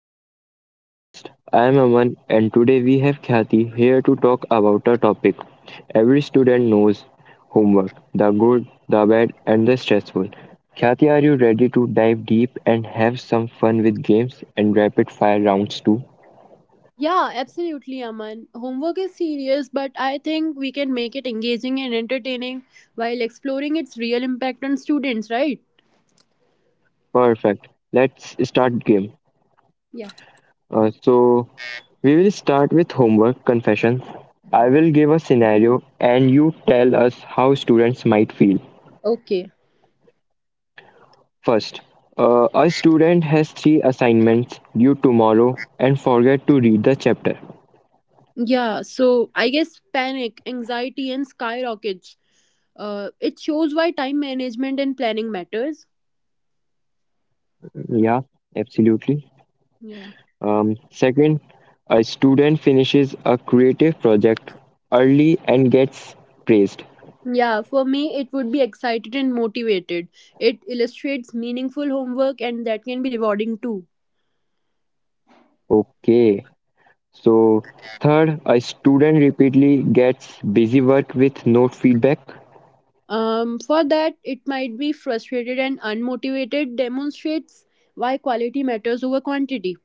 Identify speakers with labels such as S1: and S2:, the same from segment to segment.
S1: Learning Curve podcast. I am Aman and today we have Khyati here to talk about a topic every student knows: homework, the good, the bad, and the stressful. Khyati, are you ready to dive deep and have some fun with games and rapid fire rounds too?
S2: Yeah, absolutely, Aman. Homework is serious, but I think we can make it engaging and entertaining while exploring its real impact on students, right?
S1: Perfect. Let's start game.
S2: Yeah.
S1: So we will start with homework confessions. I will give a scenario and you tell us how students might feel.
S2: Okay.
S1: First, a student has three assignments due tomorrow and forget to read the chapter.
S2: Yeah, so I guess panic, anxiety, and skyrockets. It shows why time management and planning matters.
S1: Yeah, absolutely.
S2: Yeah.
S1: Second, a student finishes a creative project early and gets praised.
S2: Yeah, for me, it would be excited and motivated. It illustrates meaningful homework, and that can be rewarding too.
S1: Okay. So, third, a student repeatedly gets busy work with no feedback.
S2: For that, it might be frustrated and unmotivated, demonstrates why quality matters over quantity.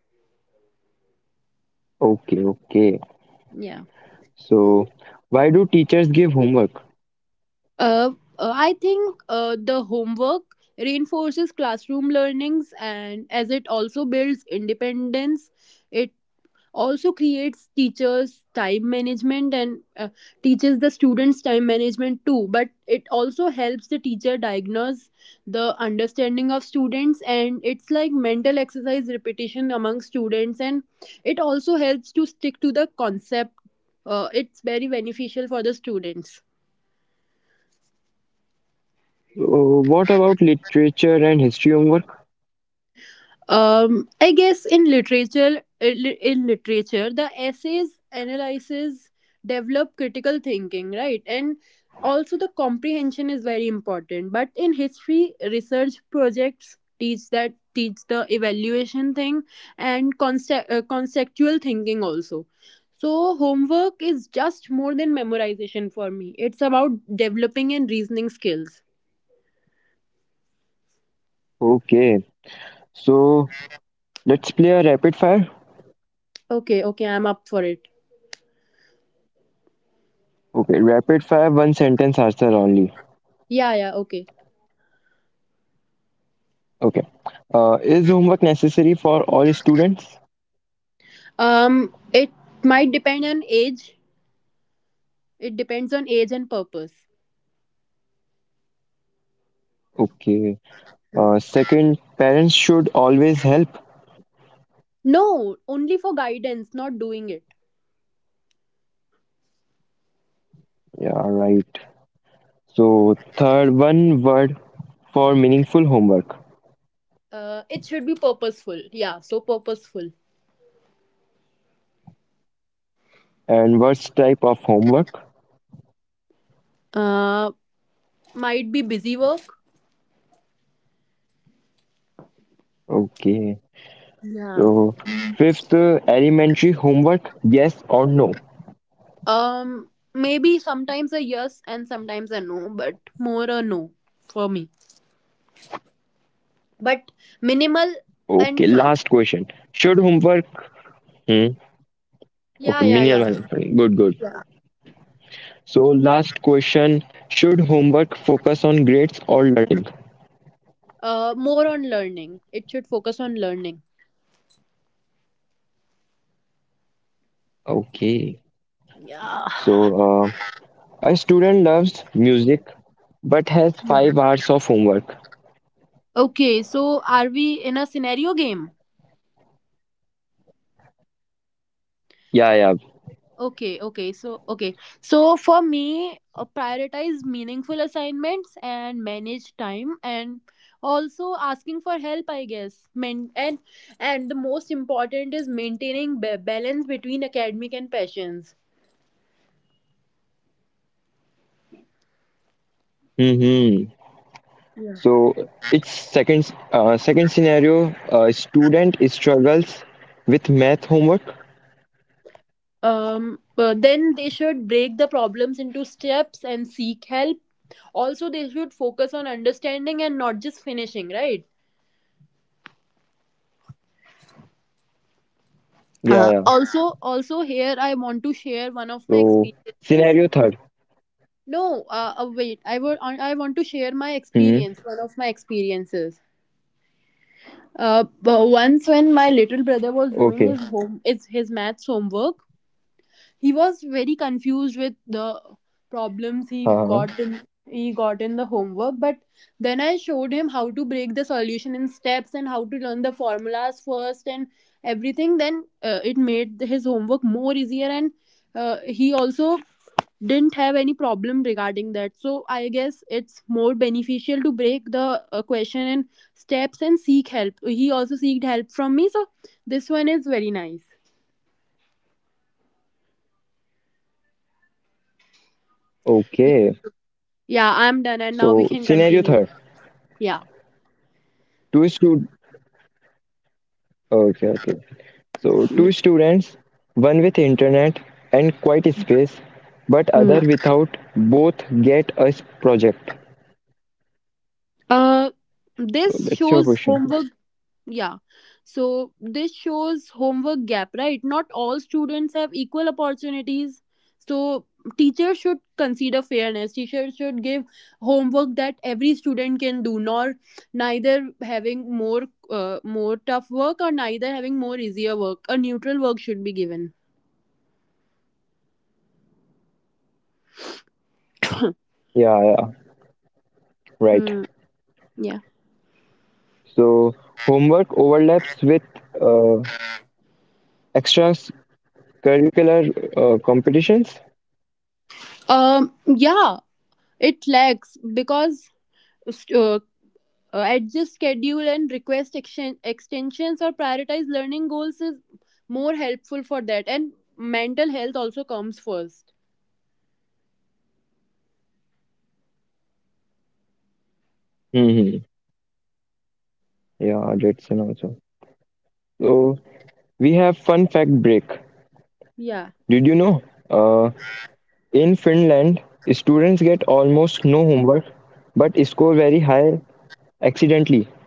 S1: Okay, okay.
S2: Yeah.
S1: So, why do teachers give homework?
S2: Uh, I think the homework reinforces classroom learnings, and as it also builds independence, it also creates teachers time management and teaches the students time management too, but it also helps the teacher diagnose the understanding of students, and it's like mental exercise repetition among students, and it also helps to stick to the concept. It's very beneficial for the students.
S1: Uh, what about literature and history homework?
S2: I guess in literature, the essays analyzes, develop critical thinking, right? And also the comprehension is very important. But in history, research projects teach the evaluation thing and conceptual thinking also. So homework is just more than memorization for me. It's about developing and reasoning skills.
S1: Okay. So, let's play a rapid fire.
S2: Okay, okay, I'm up for it.
S1: Okay, rapid fire, one sentence answer only.
S2: Yeah, yeah, okay.
S1: Okay. Is homework necessary for all students?
S2: It might depend on age. It depends on age and purpose.
S1: Okay.
S2: Hmm.
S1: Second, parents should always help.
S2: No, only for guidance, not doing it.
S1: Yeah, right. So, third, one word for meaningful homework,
S2: It should be purposeful. Yeah, so purposeful.
S1: and what's type of homework?
S2: Uh, might be busy work.
S1: Okay.
S2: Yeah.
S1: So, fifth, elementary homework, yes or no?
S2: Maybe sometimes a yes and sometimes a no, but more a no for me. But minimal
S1: Okay,
S2: and fun.
S1: last question. Should homework? Hmm.
S2: Yeah,
S1: Okay,
S2: yeah,
S1: minimal
S2: yeah.
S1: one. Good, good.
S2: Yeah.
S1: So, last question, should homework focus on grades or learning?
S2: More on learning. It should focus on learning.
S1: Okay.
S2: Yeah.
S1: So, uh, a student loves music but has five
S2: Yeah.
S1: hours of homework.
S2: Okay, so are we in a scenario game?
S1: Yeah, yeah.
S2: Okay, okay, so okay. So for me, prioritize meaningful assignments and manage time and also asking for help, I guess. And the most important is maintaining balance between academic and passions.
S1: Mm-hmm.
S2: Yeah.
S1: So, it's second, second scenario, a student struggles with math homework.
S2: But then they should break the problems into steps and seek help. Also, they should focus on understanding and not just finishing, right?
S1: Yeah, yeah.
S2: Also, here I want to share one of my
S1: So,
S2: experiences.
S1: scenario third.
S2: No, wait, I want to share my
S1: Hmm.
S2: experience, one of my experiences. But once, when my little brother was doing
S1: Okay.
S2: his home it's his maths homework, he was very confused with the problems he
S1: Uh-huh.
S2: got in, the homework. But then I showed him how to break the solution in steps and how to learn the formulas first and everything. Then it made his homework more easier, and he also didn't have any problem regarding that. So I guess it's more beneficial to break the question in steps and seek help. He also seeked help from me, so this one is very nice.
S1: Okay.
S2: Yeah, I'm done, and now we
S1: So,
S2: can
S1: scenario
S2: continue.
S1: third.
S2: Yeah.
S1: Two, stu- Okay, okay. So two students, one with internet and quite space, but
S2: Mm.
S1: other without both get us project.
S2: Uh,
S1: So
S2: this
S1: that's your
S2: shows
S1: question.
S2: homework. Yeah. So this shows homework gap, right? Not all students have equal opportunities. So teachers should consider fairness. Teachers should give homework that every student can do, nor neither having more more tough work or neither having more easier work. A neutral work should be given.
S1: Yeah, yeah,
S2: Hmm.
S1: right.
S2: Yeah.
S1: So homework overlaps with uh, extracurricular competitions.
S2: Um. Yeah, it lacks because st- uh, adjust schedule and request extensions or prioritize learning goals is more helpful for that, and mental health also comes first.
S1: Hmm. Yeah, that's an also. So we have fun fact break.
S2: Yeah.
S1: Did you know? Uh, in Finland, students get almost no homework, but score very high accidentally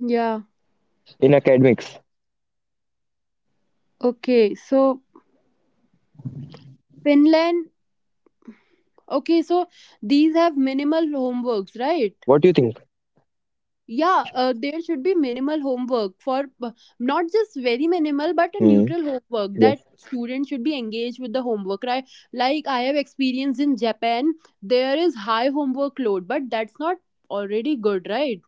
S2: Yeah,
S1: in academics.
S2: okay, so Finland. Okay, so these have minimal homeworks, right?
S1: What do you think?
S2: Yeah, there should be minimal homework for, not just very minimal, but a
S1: Hmm.
S2: neutral homework that
S1: Yes.
S2: students should be engaged with the homework, right? Like I have experience in Japan. There is high homework load, but that's not already good, right?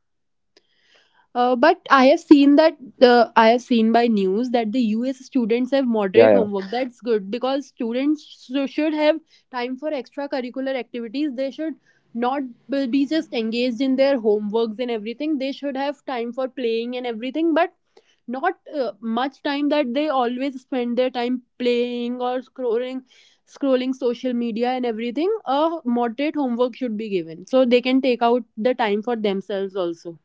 S2: But I have seen that, I have seen by news that the US students have
S1: Yeah,
S2: moderate
S1: yeah,
S2: homework. That's good because students should have time for extracurricular activities. They should not be just engaged in their homeworks and everything. They should have time for playing and everything, but not much time that they always spend their time playing or scrolling, social media and everything. A moderate homework should be given so they can take out the time for themselves also.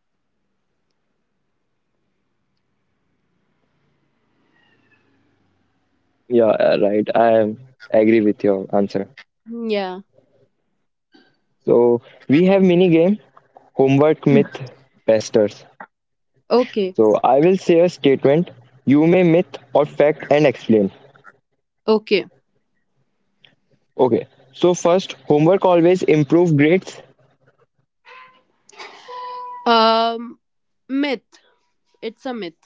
S1: yeah. Right. Agree with your answer.
S2: Yeah.
S1: So we have mini game homework myth busters.
S2: Okay,
S1: So I will say a statement. You may myth or fact and explain.
S2: okay.
S1: Okay. So first, homework always improve grades.
S2: Um, myth. It's a myth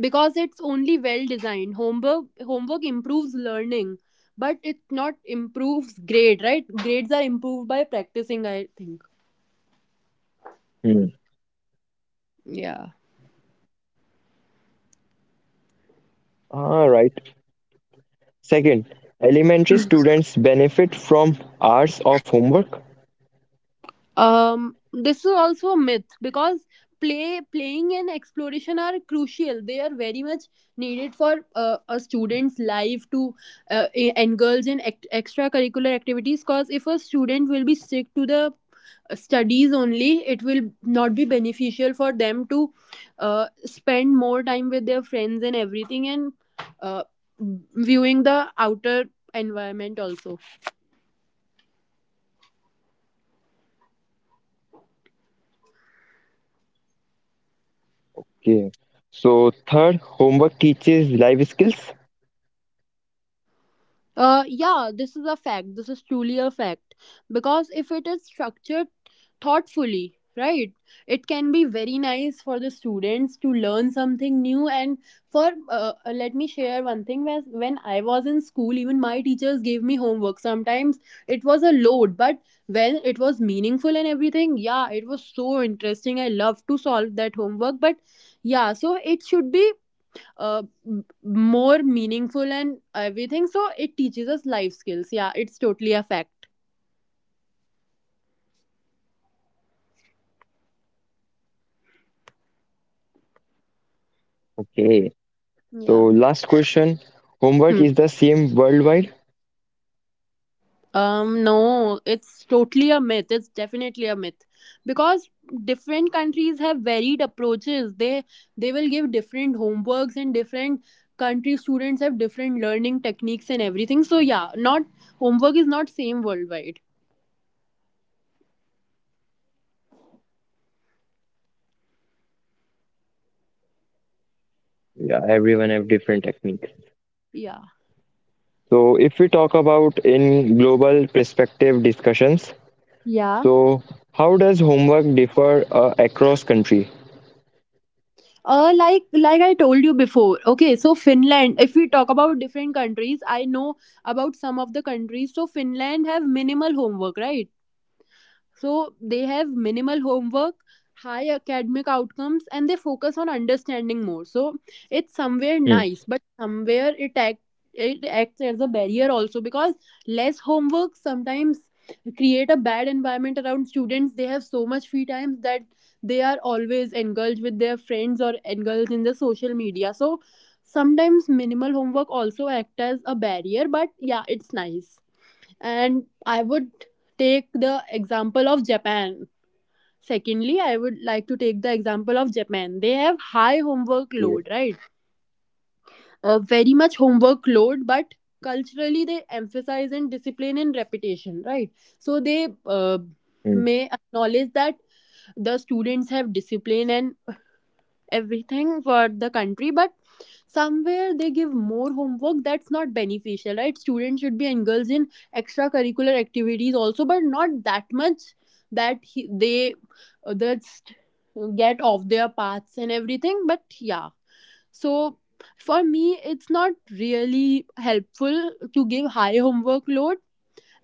S2: because it's only well designed. Homework improves learning, but it not improves grade. Right? Grades are improved by practicing. I think.
S1: Hmm.
S2: Yeah.
S1: Ah, right. Second, elementary students benefit from hours of homework.
S2: This is also a myth because playing and exploration are crucial. They are very much needed for a student's life to engulge in extracurricular activities, because if a student will be strict to the studies only, it will not be beneficial for them to spend more time with their friends and everything, and uh, viewing the outer environment also.
S1: Okay. So third, homework teaches life skills.
S2: Yeah, this is a fact. This is truly a fact. Because if it is structured thoughtfully, right, it can be very nice for the students to learn something new. And for, let me share one thing. When I was in school, even my teachers gave me homework. Sometimes it was a load, but when it was meaningful and everything, yeah, it was so interesting. I love to solve that homework. But yeah, so it should be uh, m- more meaningful and everything. So it teaches us life skills. Yeah, it's totally a fact.
S1: Okay. So
S2: Yeah.
S1: last question, homework
S2: Hmm.
S1: is the same worldwide?
S2: No, it's totally a myth. It's definitely a myth because different countries have varied approaches. They will give different homeworks, and different country students have different learning techniques and everything. So yeah, not, homework is not same worldwide.
S1: Yeah, everyone have different techniques.
S2: Yeah.
S1: So if we talk about in global perspective discussions,
S2: Yeah.
S1: so how does homework differ across country?
S2: Like I told you before, okay, so Finland. If we talk about different countries, I know about some of the countries. So Finland have minimal homework, right? So they have minimal homework, high academic outcomes, and they focus on understanding more. So it's somewhere
S1: Hmm.
S2: nice, but somewhere it acts as a barrier also, because less homework sometimes create a bad environment around students. They have so much free time that they are always engulfed with their friends or engulfed in the social media. So sometimes minimal homework also act as a barrier, but yeah, it's nice. And I would take the example of Japan. Secondly, I would like to take the example of Japan. They have high homework
S1: Okay.
S2: load, right? Very much homework load, but culturally they emphasize in discipline and repetition, right? So they,
S1: Hmm.
S2: may acknowledge that the students have discipline and everything for the country, but somewhere they give more homework. That's not beneficial, right? Students should be engaged in extracurricular activities also, but not that much that they just get off their paths and everything. But yeah, so for me, it's not really helpful to give high homework load.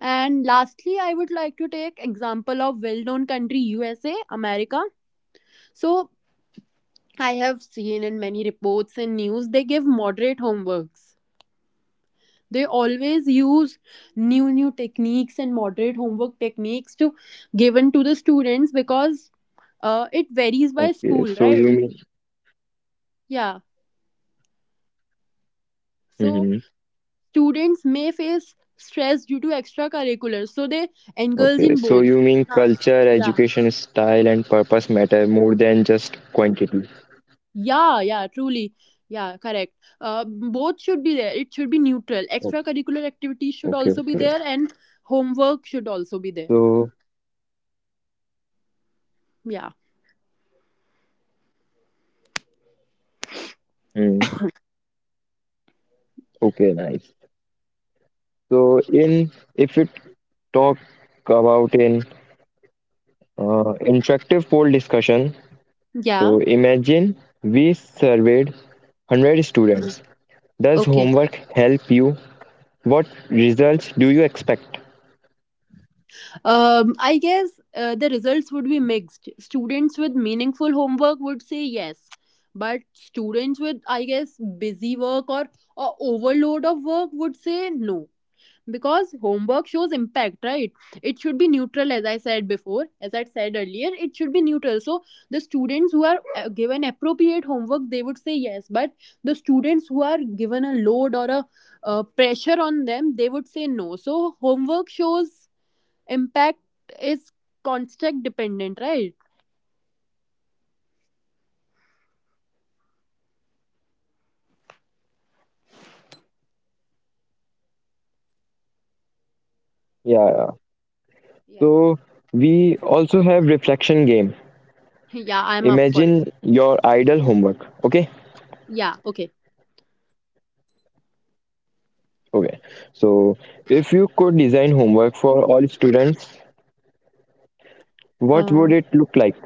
S2: And lastly, I would like to take example of well known country, USA, America. So I have seen in many reports and news, they give moderate homeworks. They always use new techniques and moderate homework techniques to given to the students, because it varies by
S1: Okay.
S2: school,
S1: So you
S2: right?
S1: mean.
S2: Yeah. So
S1: Mhm.
S2: students may face stress due to extracurriculars. So they engulf
S1: Okay.
S2: in
S1: So
S2: both.
S1: you mean
S2: Huh.
S1: culture,
S2: Yeah.
S1: education style, and purpose matter more than just quantity.
S2: Yeah, yeah, truly. Yeah, correct. Both should be there. It should be neutral.
S1: Okay.
S2: Extracurricular activities should
S1: Okay,
S2: also be
S1: okay.
S2: there, and homework should also be there.
S1: So
S2: Yeah.
S1: hmm. Okay. Nice. So in if we talk about in uh, interactive poll discussion.
S2: Yeah.
S1: So imagine we surveyed 100 students. Does
S2: Okay.
S1: homework help you? What results do you expect?
S2: I guess the results would be mixed. Students with meaningful homework would say yes, but students with, I guess, busy work, or overload of work would say no. Because homework shows impact, right? It should be neutral, as I said before, as I said earlier. It should be neutral. So the students who are given appropriate homework, they would say yes, but the students who are given a load or a pressure on them, they would say no. So homework shows impact is context dependent, right?
S1: Yeah, yeah.
S2: Yeah.
S1: So we also have reflection game.
S2: Yeah, I'm up for it.
S1: Imagine your ideal homework. Okay.
S2: Yeah, okay.
S1: Okay. So if you could design homework for all students, what would it look like?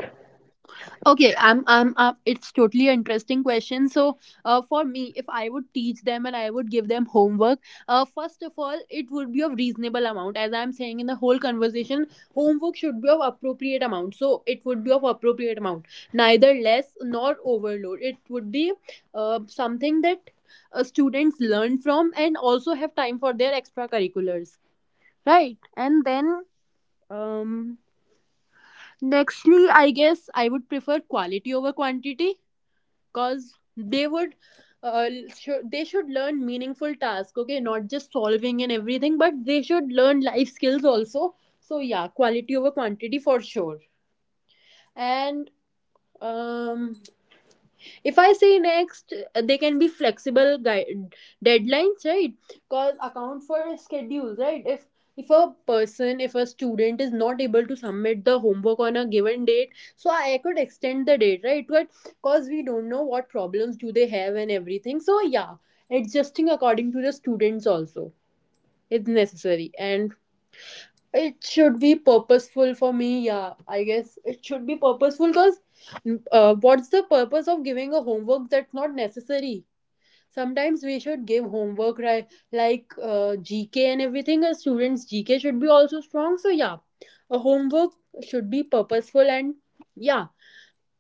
S2: Okay, I'm, it's totally an interesting question. So, for me, if I would teach them and I would give them homework, first of all, it would be of reasonable amount. As I'm saying in the whole conversation, homework should be of appropriate amount. So, it would be of appropriate amount, neither less nor overload. It would be, something that students learn from and also have time for their extracurriculars, right? And then, um, nextly, I guess I would prefer quality over quantity, cause uh, they should learn meaningful tasks. Okay, not just solving and everything, but they should learn life skills also. So yeah, quality over quantity for sure. And um if I say next, they can be flexible guide deadlines, right? Cause account for schedules, right? If a if a student is not able to submit the homework on a given date, so I could extend the date, right? But cause we don't know what problems do they have and everything. So yeah, adjusting according to the students also is necessary. And it should be purposeful for me. Yeah, I guess it should be purposeful because, what's the purpose of giving a homework that's not necessary? Sometimes we should give homework, right? Like GK and everything. A student's GK should be also strong. So yeah, a homework should be purposeful. And yeah.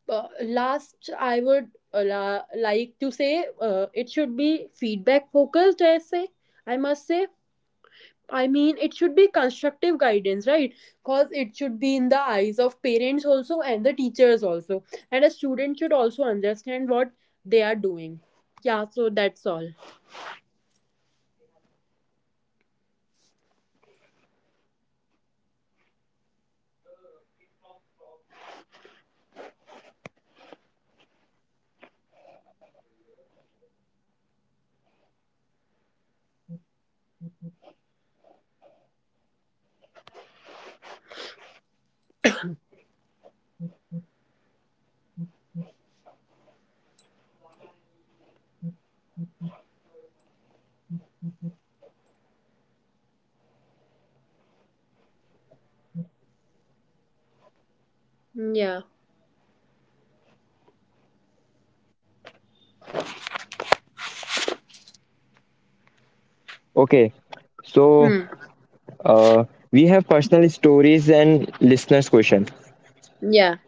S2: Last, I would like to say it should be feedback focused. I say I must say I mean, it should be constructive guidance, right? Because it should be in the eyes of parents also and the teachers also. And a student should also understand what they are doing. Yeah, so that's all. Mm. Yeah.
S1: Okay. So
S2: Hmm.
S1: uh, we have personal stories and listeners' questions.
S2: Yeah.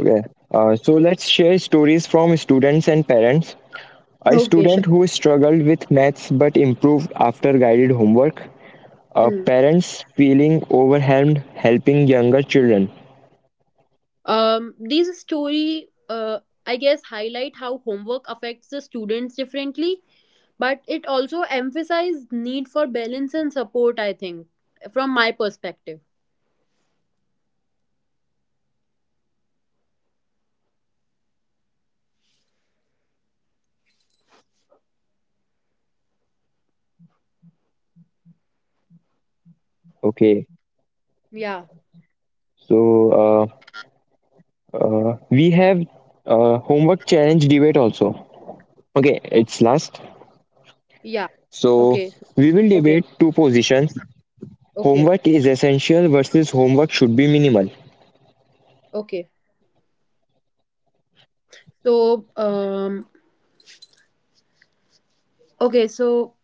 S1: Okay. So let's share stories from students and parents. A
S2: Okay, sure.
S1: student who struggled with maths but improved after guided homework.
S2: Hmm.
S1: Parents feeling overwhelmed helping younger children.
S2: These story, I guess, highlight how homework affects the students differently, but it also emphasizes need for balance and support, I think, from my perspective.
S1: Okay.
S2: Yeah.
S1: So we have homework challenge debate also. Okay,
S2: Okay.
S1: it's last.
S2: Yeah.
S1: So
S2: Okay.
S1: we will
S2: Okay.
S1: debate two positions:
S2: Okay,
S1: homework is essential versus homework should be minimal.
S2: okay. So, okay, so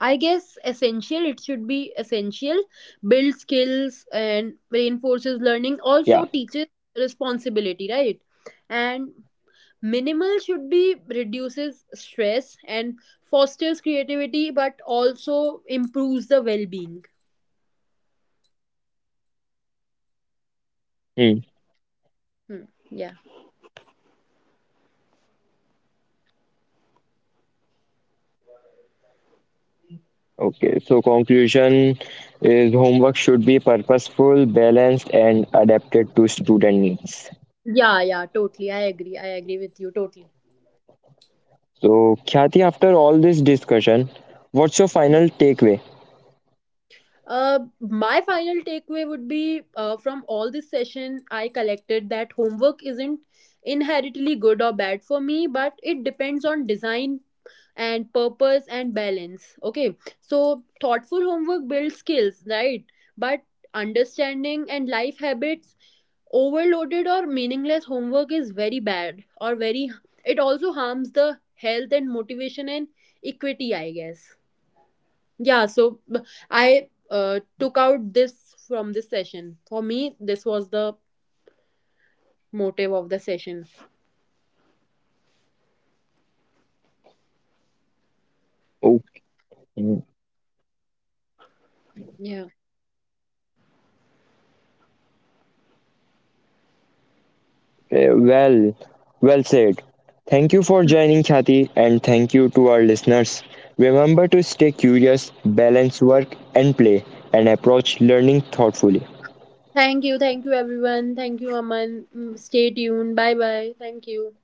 S2: I guess essential, it should be essential, build skills and reinforces learning,
S1: Yeah.
S2: also teaches responsibility, right? And minimal should be reduces stress and fosters creativity, but also improves the well being.
S1: Hmm.
S2: Hmm. Yeah.
S1: Okay, so conclusion is homework should be purposeful, balanced, and adapted to student needs.
S2: Yeah, yeah, totally. I agree. I agree with you totally.
S1: So, Khyati, after all this discussion, what's your final takeaway?
S2: My final takeaway would be from all this session I collected that homework isn't inherently good or bad for me, but it depends on design and purpose and balance. Okay, so thoughtful homework builds skills, right? But understanding and life habits, overloaded or meaningless homework is very bad or very, it also harms the health and motivation and equity, I guess. Yeah, so I took out this from this session. For me, this was the motive of the session.
S1: Okay,
S2: Yeah.
S1: well, well said. Thank you for joining, Khyati, and thank you to our listeners. Remember to stay curious, balance work and play, and approach learning thoughtfully.
S2: Thank you. Thank you, everyone. Thank you, Aman. Mm, stay tuned. Bye bye. Thank you.